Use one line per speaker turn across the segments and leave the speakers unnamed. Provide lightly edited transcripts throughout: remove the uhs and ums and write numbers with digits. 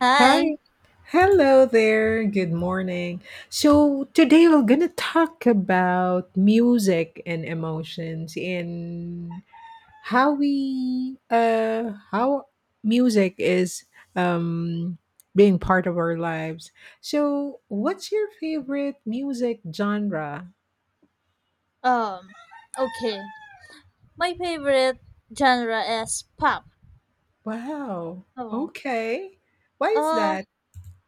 Hi.
Hi. Hello there. Good morning. So, today we're going to talk about music and emotions and how we how music is um being part of our lives. So, what's your favorite music genre?
Um. Okay. My favorite genre is pop.
Wow.
Oh.
Okay. Why is
Uh.
that?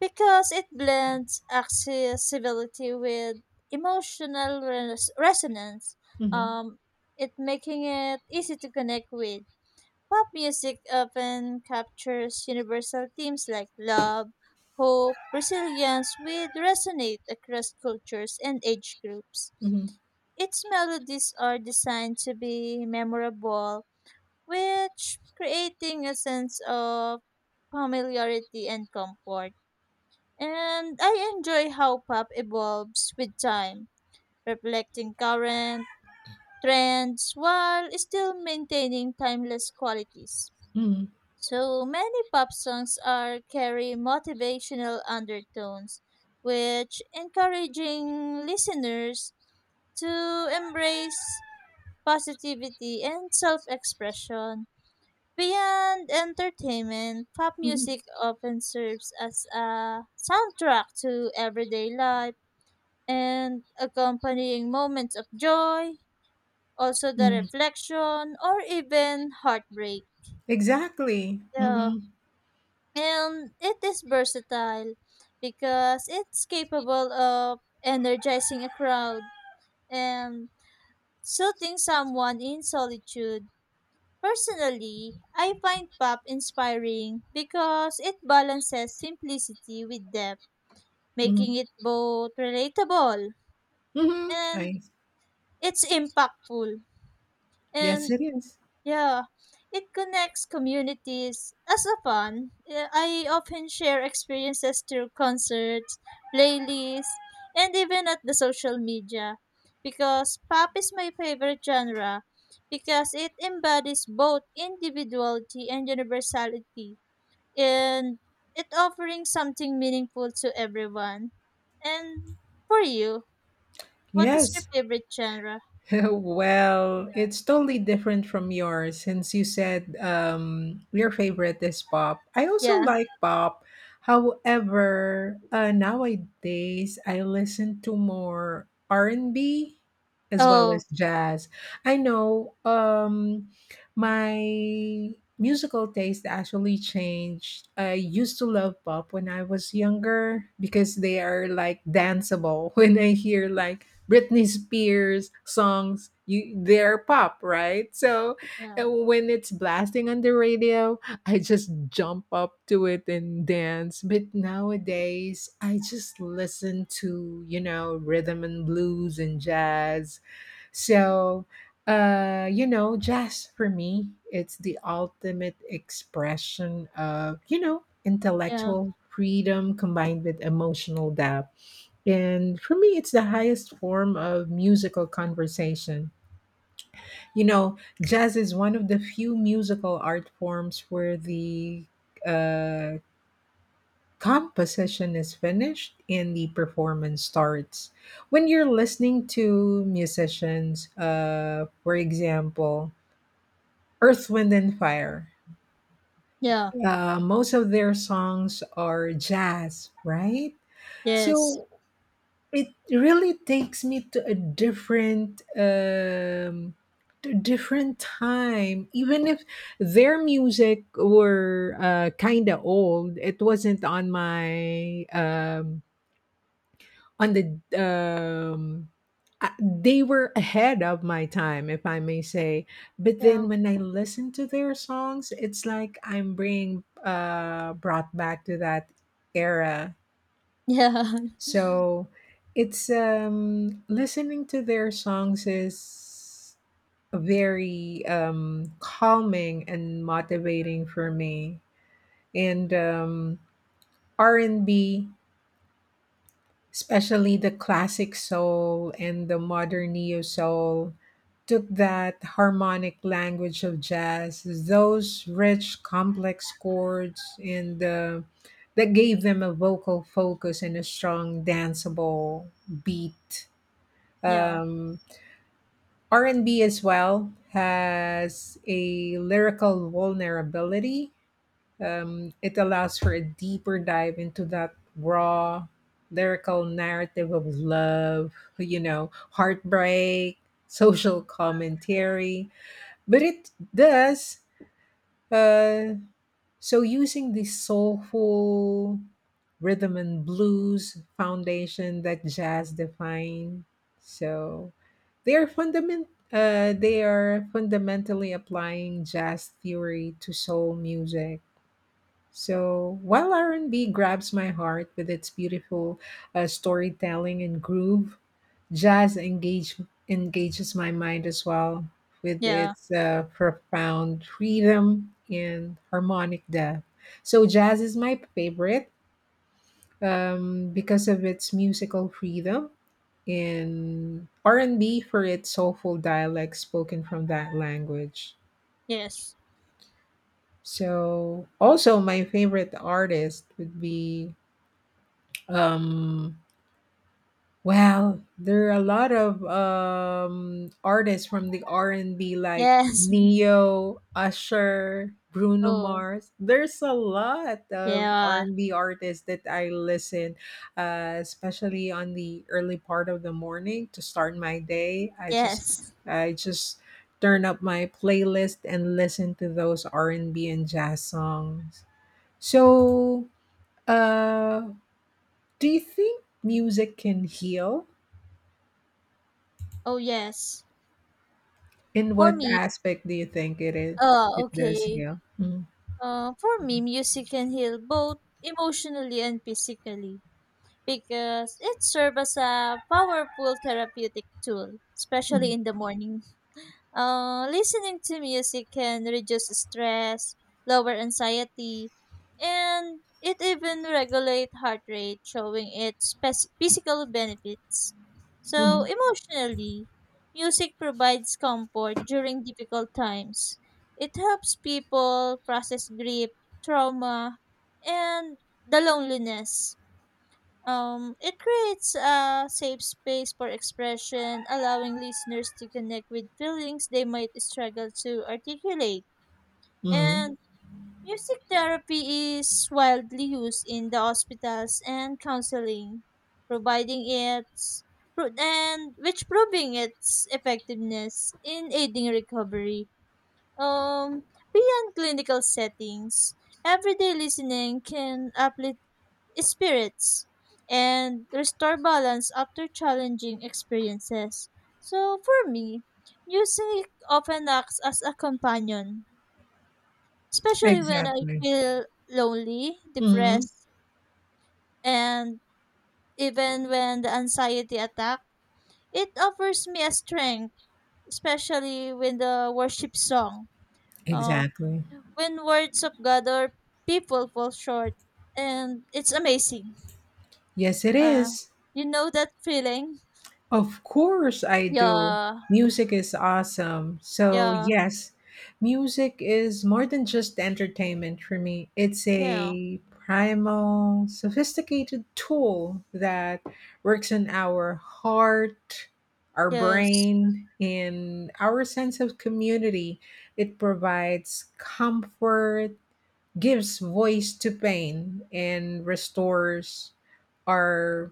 Because it blends accessibility with emotional resonance.
Mhm.
Um. It making it easy to connect with. Pop music often captures universal themes like love, hope, resilience, which resonate across cultures and age groups.
Mhm.
Its melodies are designed to be memorable which creating a sense of familiarity and comfort. And I enjoy how pop evolves with time, reflecting current trends while still maintaining timeless qualities.
Mhm.
So many pop songs are carry motivational undertones, which encouraging listeners to embrace positivity and self-expression. Beyond entertainment, pop
Mhm.
music often serves as a soundtrack to everyday life and accompanying moments of joy, also the
Mhm.
reflection, or even heartbreak.
Exactly.
Yeah.
Mhm.
And it is versatile because it's capable of energizing a crowd and soothing someone in solitude. Personally, I find pop inspiring because it balances simplicity with depth,
Mhm.
making it both relatable
Mhm.
and
I.
it's impactful.
Yes,
And
it is.
yeah, it connects communities. As a fan, I often share experiences through concerts, playlists, and even at the social media because pop is my favorite genre because it embodies both individuality and universality and it offering something meaningful to everyone. And for you, what is your
Yes.
favorite genre?
Well, it's
Yeah.
totally different from yours since you said your favorite is pop. I also
Yeah.
like pop. However, nowadays I listen to more R&B as well as
Oh,
jazz. I know my musical taste actually changed. I used to love pop when I was younger because they are like danceable. When I hear like Britney Spears songs, you they're pop, right? So
yeah.
when it's blasting on the radio, I just jump up to it and dance. But nowadays, I just listen to, you know, rhythm and blues and jazz. So, you know, jazz for me, it's the ultimate expression of, you know,
Yeah.
intellectual freedom combined with emotional depth, and for me, it's the highest form of musical conversation. You know, jazz is one of the few musical art forms where the uh, composition is finished and the performance starts. When you're listening to musicians, for example, Earth, Wind, and Fire,
Yeah.
most of their songs are jazz, right?
Yes.
So it really takes me to a different time even if their music were kind of old. It wasn't on my on um they were ahead of my time, if I may say, but then
Yeah.
when I listen to their songs it's like I'm being brought back to that era.
Yeah.
So it's listening to their songs is very calming and motivating for me. And R&B, especially the classic soul and the modern neo soul, took that harmonic language of jazz, those rich complex chords, and that gave them a vocal focus and a strong danceable beat.
Yeah.
um, R&B as well has a lyrical vulnerability. It allows for a deeper dive into that raw lyrical narrative of love, you know, heartbreak, social commentary. But it does, uh, using the soulful rhythm and blues foundation that jazz define, so they are fundament. they are fundamentally applying jazz theory to soul music. So while R and B grabs my heart with its beautiful storytelling and groove, Jazz engages my mind as well with
Yeah.
its profound freedom and harmonic depth. So, jazz is my favorite because of its musical freedom, and R&B for its soulful dialect spoken from that language.
Yes.
So, also my favorite artist would be um Well, there are a lot of artists from the R and B like
Yes.
Neo, Usher, Bruno
Oh,
Mars. There's a lot of R
yeah.
and B artists that I listen, especially on the early part of the morning to start my day. I just,
Yes.
I just turn up my playlist and listen to those R and B and jazz songs. So, uh, do you think music can heal?
Oh, yes.
In
For
what
me,
aspect do you think it is? It does,
okay.
yeah. Mhm,
For me, music can heal both emotionally and physically, because it serves as a powerful therapeutic tool, especially
mhm,
in the morning. Listening to music can reduce stress, lower anxiety, and it even regulate heart rate, showing its physical benefits. So
mhm,
emotionally, music provides comfort during difficult times. It helps people process grief, trauma, and the loneliness. It creates a safe space for expression, allowing listeners to connect with feelings they might struggle to articulate.
mhm.
And music therapy is widely used in the hospitals and counseling, providing its pro- and which proving its effectiveness in aiding recovery. Um, beyond clinical settings, everyday listening can uplift spirits and restore balance after challenging experiences. So for me, music often acts as a companion, especially when I
Exactly.
feel lonely,
Mhm,
depressed, and even when the anxiety attack. It offers me a strength, especially when the worship song, uh,
exactly.
when words of God or people fall short, and it's amazing.
Yes, it
Uh,
is.
you know that feeling?
Of course, I do.
Yeah,
Music is awesome. So,
yeah,
yes, music is more than just entertainment for me. It's
yeah,
a primal, sophisticated tool that works in our heart, our
yes,
brain, and our sense of community. It provides comfort, gives voice to pain, and restores our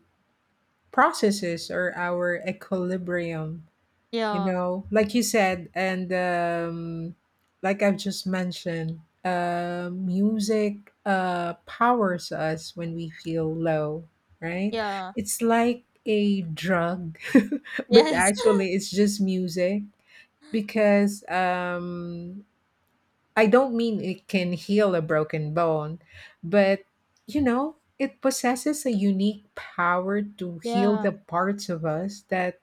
processes are our equilibrium, you
yeah,
know, like you said, and like I've just mentioned, music powers us when we feel low, right?
yeah,
It's like a drug. But
yes,
actually it's just music because I don't mean it can heal a broken bone, but you know, it possesses a unique power to heal
yeah,
the parts of us that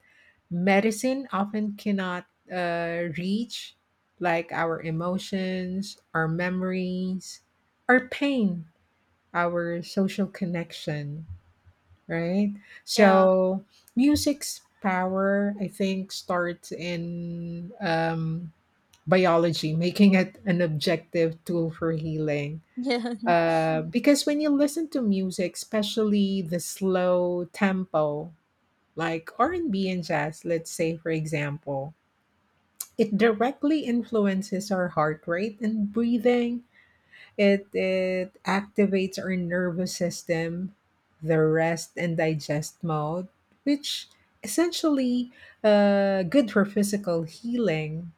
medicine often cannot reach, like our emotions, our memories, our pain, our social connection, right?
yeah,
So, music's power, I think, starts in biology, making it an objective tool for healing.
yeah,
Because when you listen to music, especially the slow tempo, like R&B and B and jazz, let's say for example, it directly influences our heart rate and breathing. It activates our nervous system, the rest and digest mode, which essentially good for physical healing.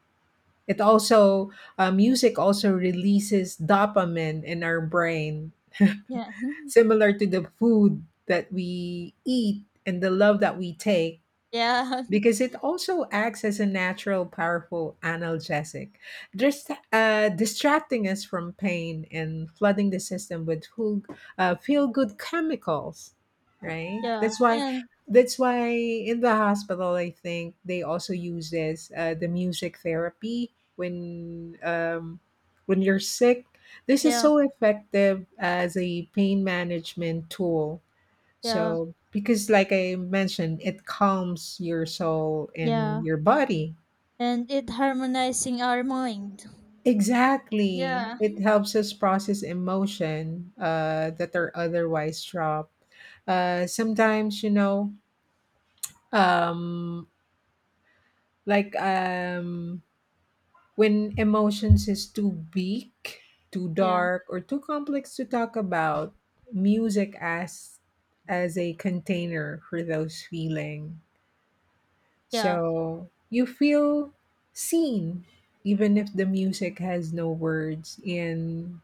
It also, music also releases dopamine in our brain,
yeah,
similar to the food that we eat and the love that we take,
yeah,
because it also acts as a natural, powerful analgesic, just distracting us from pain and flooding the system with full, feel-good chemicals. Right.
yeah,
That's why.
and
That's why in the hospital, I think they also use this the music therapy when you're sick. This is
yeah,
so effective as a pain management tool,
yeah,
so, because like I mentioned, it calms your soul
yeah,
and your body.
and it harmonizing our mind.
Exactly.
Yeah,
It helps us process emotion that are otherwise trapped. Sometimes, you know, um, like um, when emotions is too big, too
yeah,
dark, or too complex to talk about, music as a container for those feeling.
yeah,
So you feel seen, even if the music has no words. And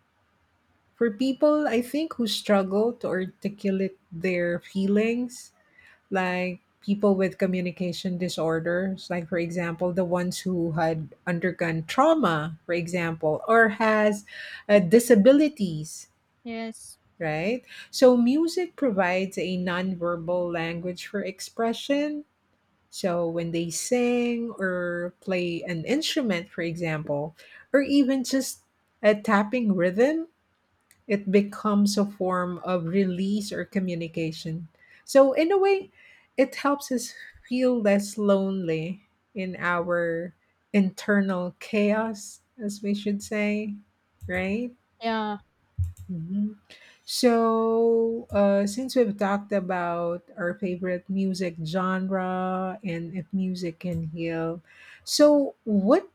for people, I think, who struggle to articulate their feelings, like people with communication disorders, like, for example, the ones who had undergone trauma, for example, or has disabilities,
yes,
right? So music provides a nonverbal language for expression. So when they sing or play an instrument, for example, or even just a tapping rhythm, it becomes a form of release or communication. So in a way, it helps us feel less lonely in our internal chaos, as we should say, right?
yeah,
Mhm. So, since we've talked about our favorite music genre and if music can heal, so what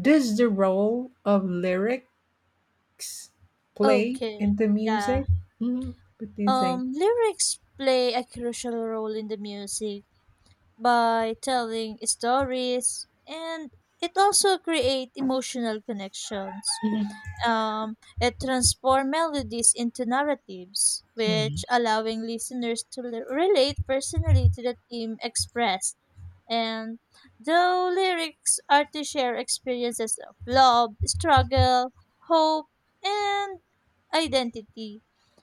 does the role of lyrics play
okay,
into
yeah.
music? Mhm. What do you think?
Lyrics play a crucial role in the music by telling stories and it also create emotional connections.
Mhm.
It transformed melodies into narratives,
Mhm.
which allowing listeners to relate personally to the theme expressed. And though lyrics are to share experiences of love, struggle, hope, and identity,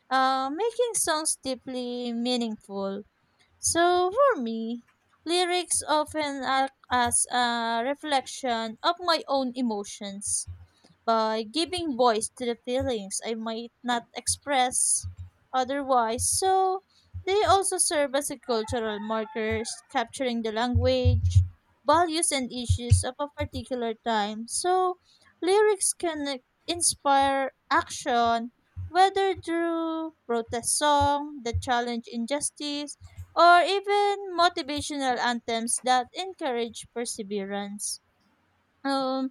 making songs deeply meaningful. So for me, lyrics often act as a reflection of my own emotions by giving voice to the feelings I might not express otherwise. So they also serve as a cultural markers, capturing the language, values, and issues of a particular time. So lyrics can inspire action, whether through protest song that challenge injustice, or even motivational anthems that encourage perseverance. Um,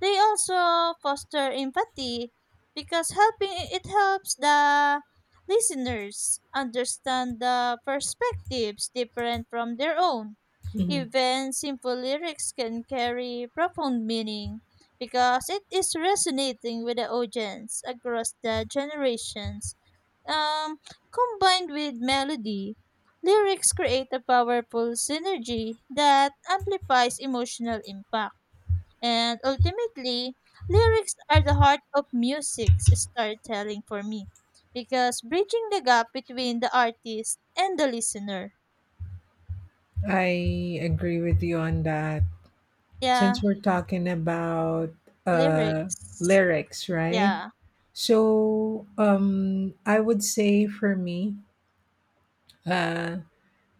they also foster empathy because helping it helps the listeners understand the perspectives different from their own.
Mhm.
Even simple lyrics can carry profound meaning because it is resonating with the audience across the generations. Um, combined with melody, lyrics create a powerful synergy that amplifies emotional impact. And ultimately, lyrics are the heart of music's storytelling for me because bridging the gap between the artist and the listener.
I agree with you on that.
Yeah,
Since we're talking about uh,
lyrics.
lyrics, right?
Yeah,
So, I would say for me, uh,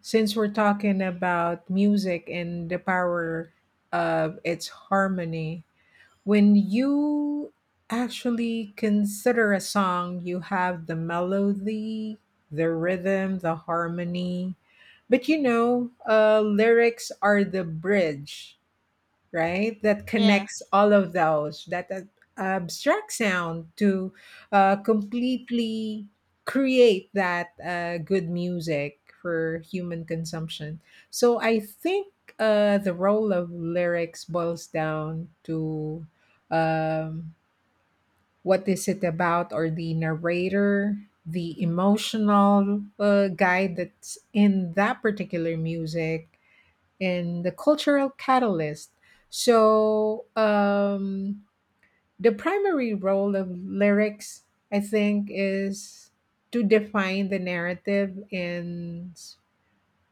since we're talking about music and the power of its harmony, when you actually consider a song, you have the melody, the rhythm, the harmony. But you know, lyrics are the bridge, right? That
yeah,
connects all of those, that abstract sound to completely create that good music for human consumption. So I think the role of lyrics boils down to um, what is it about, or the narrator. The emotional guide that's in that particular music, and the cultural catalyst. So the primary role of lyrics, I think, is to define the narrative and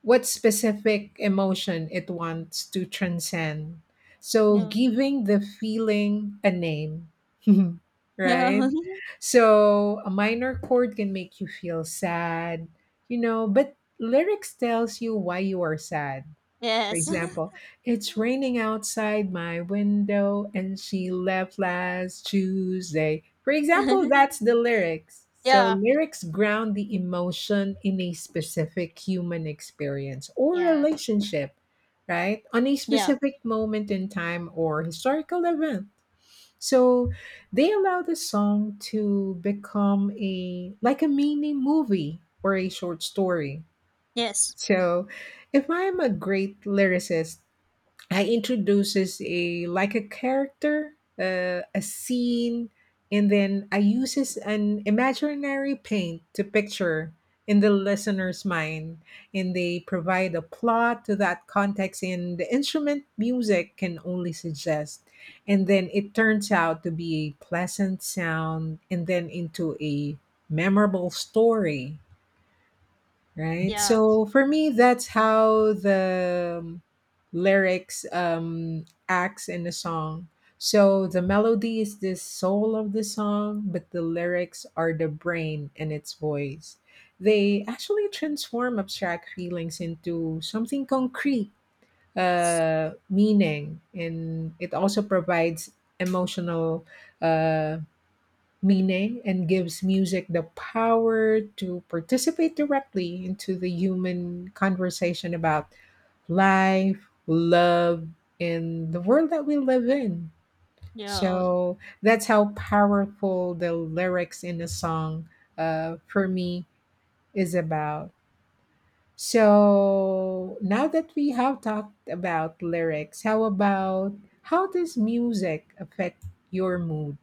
what specific emotion it wants to transcend. So
no,
giving the feeling a name, right?
no,
So a minor chord can make you feel sad, you know, but lyrics tells you why you are sad. For
yes.
example, it's raining outside my window and she left last Tuesday. For example, that's the lyrics. So,
yeah,
lyrics ground the emotion in a specific human experience or
yeah,
relationship, right? On a
yeah,
specific moment in time or historical event. So, they allow the song to become a like a mini movie or a short story.
yes,
So, if I'm a great lyricist, I introduces a like a character, a scene, and then I uses an imaginary paint to picture in the listener's mind, and they provide a plot to that context, and the instrument music can only suggest, and then it turns out to be a pleasant sound, and then into a memorable story, right?
yeah,
So for me, that's how the lyrics acts in a song. So the melody is the soul of the song, but the lyrics are the brain and its voice. They actually transform abstract feelings into something concrete,
yes,
meaning, and it also provides emotional uh meaning and gives music the power to participate directly into the human conversation about life, love, and the world that we live in.
yeah. Oh,
So that's how powerful the lyrics in a song, for me, is about. So now that we have talked about lyrics, how about how does music affect your mood?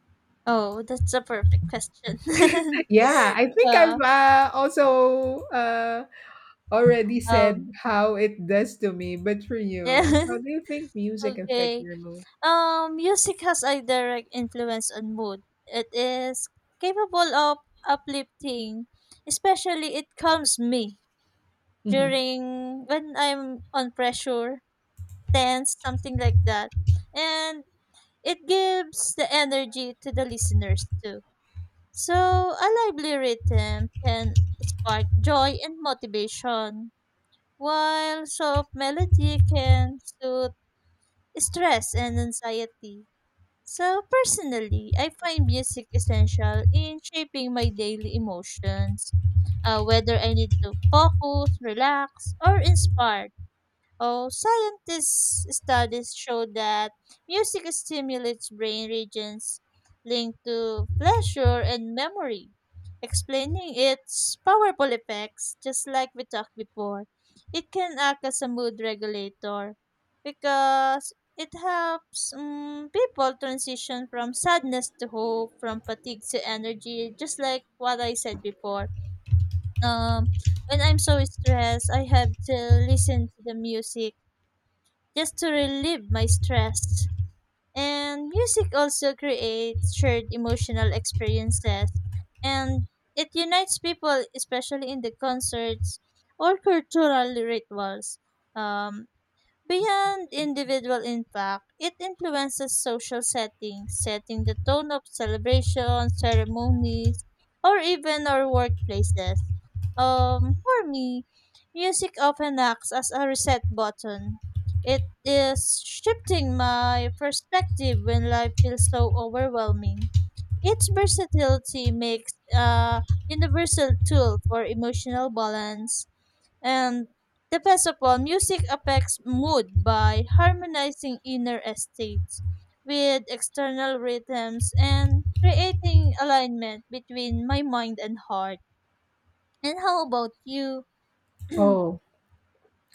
oh that's a perfect question.
Yeah, I think I've
uh,
also already said
um,
how it does to me, but for
yeah,
you, how do you think music affect
okay.
your mood?
Music has a direct influence on mood. It is capable of uplifting, especially it calms me
Mhm.
during when I'm on pressure, tense, something like that. And it gives the energy to the listeners too. So a lively rhythm can spark joy and motivation, while soft melody can soothe stress and anxiety. So personally, I find music essential in shaping my daily emotions, whether I need to focus, relax, or inspire. Oh, scientists' studies show that music stimulates brain regions linked to pleasure and memory, explaining its powerful effects, just like we talked before. It can act as a mood regulator because it helps people transition from sadness to hope, from fatigue to energy, just like what I said before. Um, when I'm so stressed, I have to listen to the music just to relieve my stress. And music also creates shared emotional experiences and it unites people, especially in the concerts or cultural rituals. Um, Beyond individual impact, it influences social settings, setting the tone of celebrations, ceremonies, or even our workplaces. For me, music often acts as a reset button. It is shifting my perspective when life feels so overwhelming. Its versatility makes a universal tool for emotional balance, and the best of all, music affects mood by harmonizing inner states with external rhythms and creating alignment between my mind and heart. And how about you?
Oh,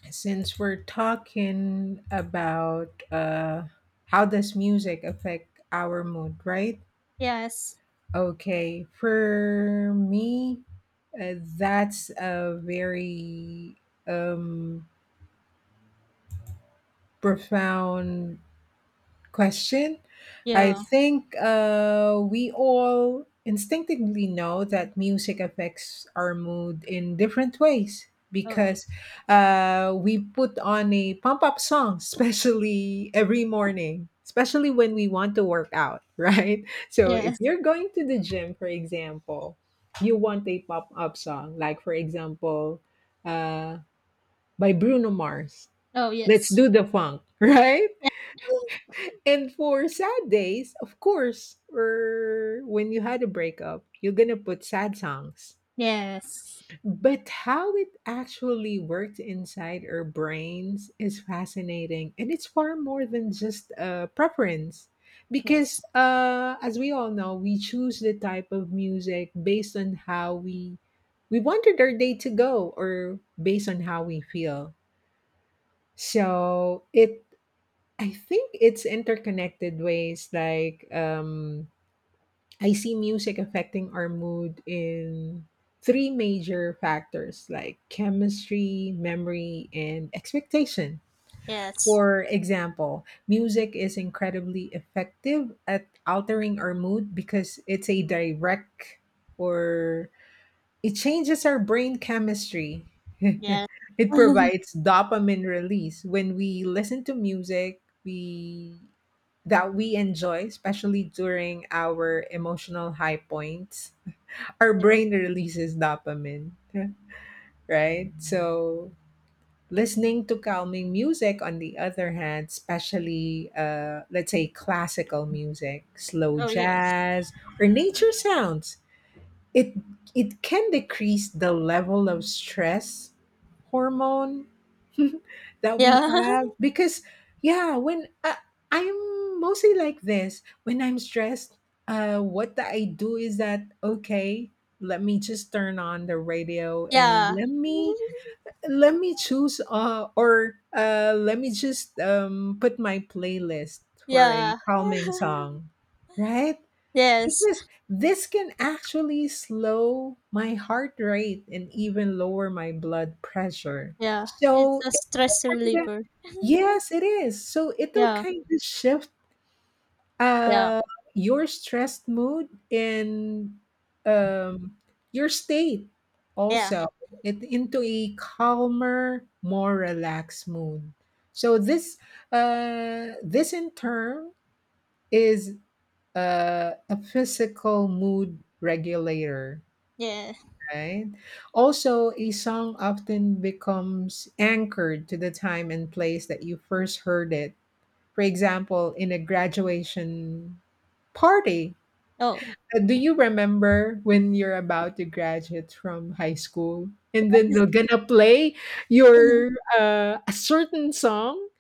since we're talking about how does music affect our mood, right?
Yes.
Okay, for me, that's a very um, profound question. I
Yeah.
think we all instinctively know that music affects our mood in different ways
Oh.
because we put on a pump up song, especially every morning, especially when we want to work out, right? So if
Yes.
you're going to the gym, for example, you want a pop up song, like for example, uh, by Bruno Mars,
Oh,
Let's
yes.
Do the Funk, right?
Yeah.
And for sad days, of course, or when you had a breakup, you're gonna put sad songs.
Yes.
But how it actually worked inside our brains is fascinating. And it's far more than just a preference.
Yes.
Because, as we all know, we choose the type of music based on how we wanted our day to go or based on how we feel. So it I think it's interconnected ways like I see music affecting our mood in three major factors like chemistry, memory, and expectation.
Yes.
For example, music is incredibly effective at altering our mood because it's a direct or it changes our brain chemistry.
Yes.
It provides dopamine release. When we listen to music, we that we enjoy, especially during our emotional high points, our
Yeah.
brain releases dopamine. Yeah, right? So, listening to calming music, on the other hand, especially, let's say, classical music, slow
Oh, yes.
jazz, or nature sounds, it it can decrease the level of stress hormone that we
Yeah.
have because yeah, I'm mostly like this. When I'm stressed, what I do is that, okay, let me just turn on the radio and
yeah.
let me choose, or let me just put my playlist for a
Yeah.
calming song, right?
yes.
Because this can actually slow my heart rate and even lower my blood pressure.
Yeah, it's
So
a
it
stress
kinda
reliever.
Yes, it is. So it'll
Yeah,
kind of shift
yeah,
uh, your stressed mood and, um, your state
yeah,
also, it, into a calmer, more relaxed mood. So this in turn is a physical mood regulator,
yeah.
right? Also, a song often becomes anchored to the time and place that you first heard it. For example, in a graduation party.
Oh,
Do you remember when you're about to graduate from high school and then they're gonna play your a certain song?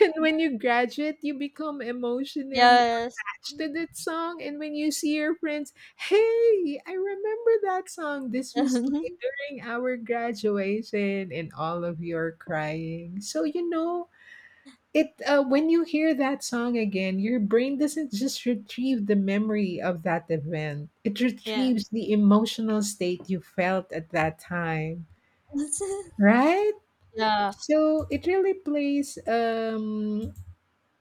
And when you graduate, you become emotionally
yes. yeah,
to that song, and when you see your friends, hey, I remember that song, this was played during our graduation and all of you are crying, so you know it when you hear that song again, your brain doesn't just retrieve the memory of that event, it retrieves the emotional state you felt at that time, right?
yeah,
So it really plays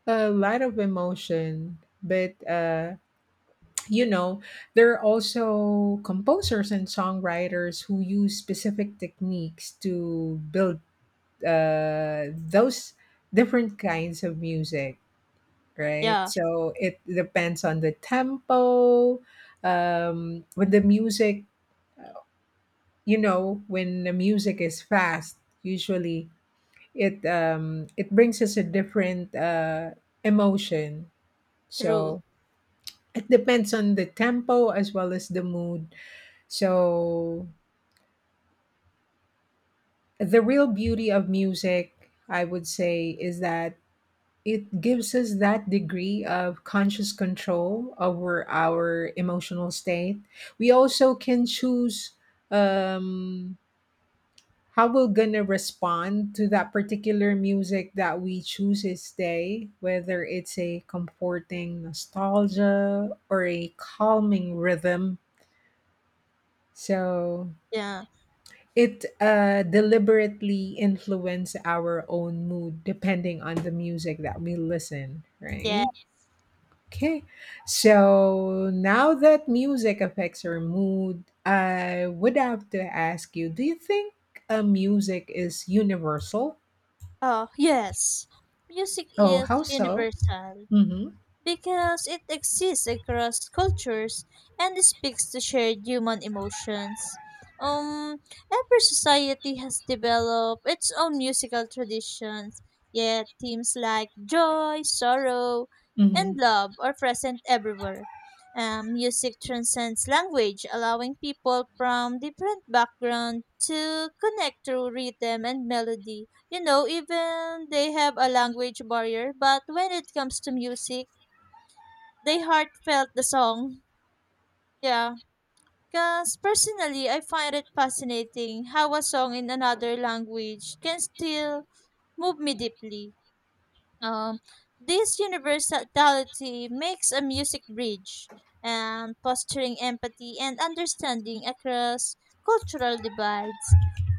a lot of emotion. But you know, there are also composers and songwriters who use specific techniques to build those different kinds of music, right?
yeah.
So it depends on the tempo. When the music, you know, when the music is fast, usually it brings us a different emotion.
True.
So it depends on the tempo as well as the mood. So the real beauty of music, I would say, is that it gives us that degree of conscious control over our emotional state. We also can choose um, how we're going to respond to that particular music that we choose each day, whether it's a comforting nostalgia or a calming rhythm. So
Yeah,
it deliberately influence our own mood depending on the music that we listen,
yeah.
right? Okay. So now that music affects our mood, I would have to ask you, do you think music is universal?
Oh, yes. Music
Oh, how
is
so?
universal,
Mm-hmm.
because it exists across cultures and speaks to shared human emotions. Um, every society has developed its own musical traditions, yet themes like joy, sorrow, and
Mm-hmm.
love are present everywhere. Music transcends language, allowing people from different backgrounds to connect through rhythm and melody. You know, even they have a language barrier, but when it comes to music, they heartfelt the song. Yeah. Because personally, I find it fascinating how a song in another language can still move me deeply. Um, this universality makes a music bridge and fostering empathy and understanding across cultural divides.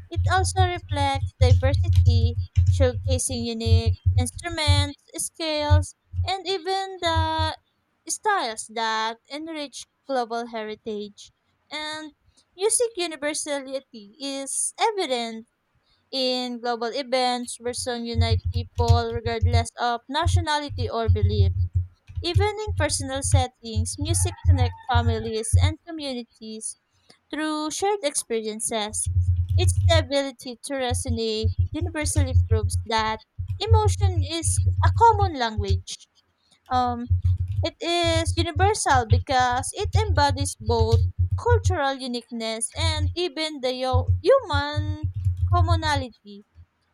It also reflects diversity, showcasing unique instruments, scales, and even the styles that enrich global heritage. And music universality is evident in global events, person unite people regardless of nationality or belief. Even in personal settings, music connect families and communities through shared experiences. Its ability to resonate universally proves that emotion is a common language. Um, it is universal because it embodies both cultural uniqueness and even the human commonality,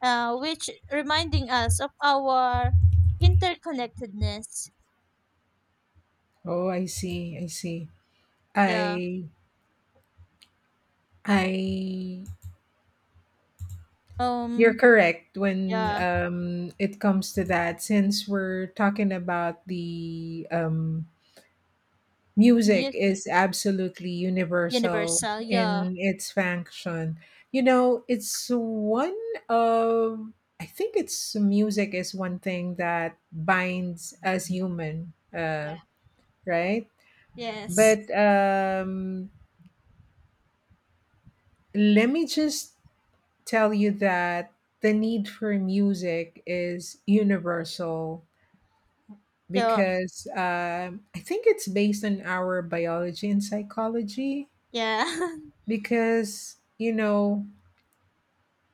which reminding us of our interconnectedness.
Oh, I see. I see.
Yeah.
I I You're
Um.
correct when
Yeah.
it comes to that, since we're talking about the music
Yes.
is absolutely universal
Universal. Yeah.
in its function. You know, it's one of, I think it's music is one thing that binds us human,
Yeah.
right?
Yes.
But let me just tell you that the need for music is universal
Yeah.
because I think it's based on our biology and psychology.
Yeah.
Because, you know,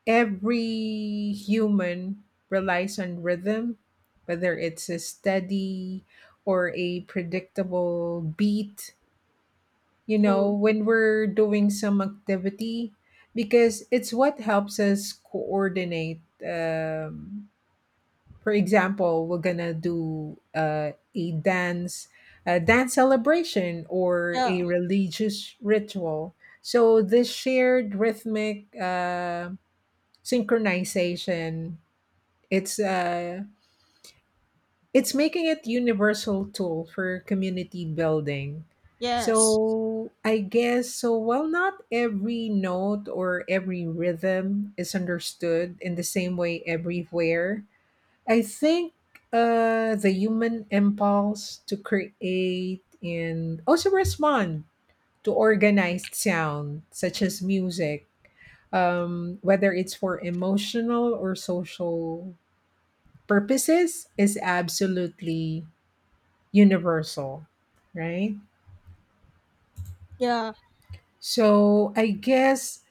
every human relies on rhythm, whether it's a steady or a predictable beat, you know,
True.
when we're doing some activity, because it's what helps us coordinate. Um, For example, we're gonna do a dance celebration, or
Yeah.
a religious ritual. So this shared rhythmic synchronization, it's uh, it's making it universal tool for community building.
Yes.
So I guess so. While not every note or every rhythm is understood in the same way everywhere, I think the human impulse to create and also respond to organized sound, such as music, whether it's for emotional or social purposes, is absolutely universal, right?
Yeah.
So I guess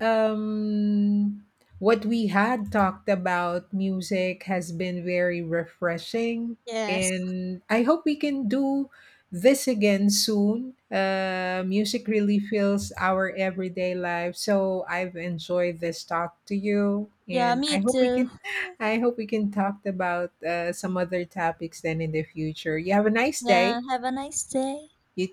um what we had talked about music has been very refreshing,
Yes.
and I hope we can do this again soon. Music really fills our everyday life, so I've enjoyed this talk to you
Yeah.
and I
Me
hope we
too.
can I hope we can talk about some other topics then in the future. You have a nice day.
Yeah. Have a nice day.
You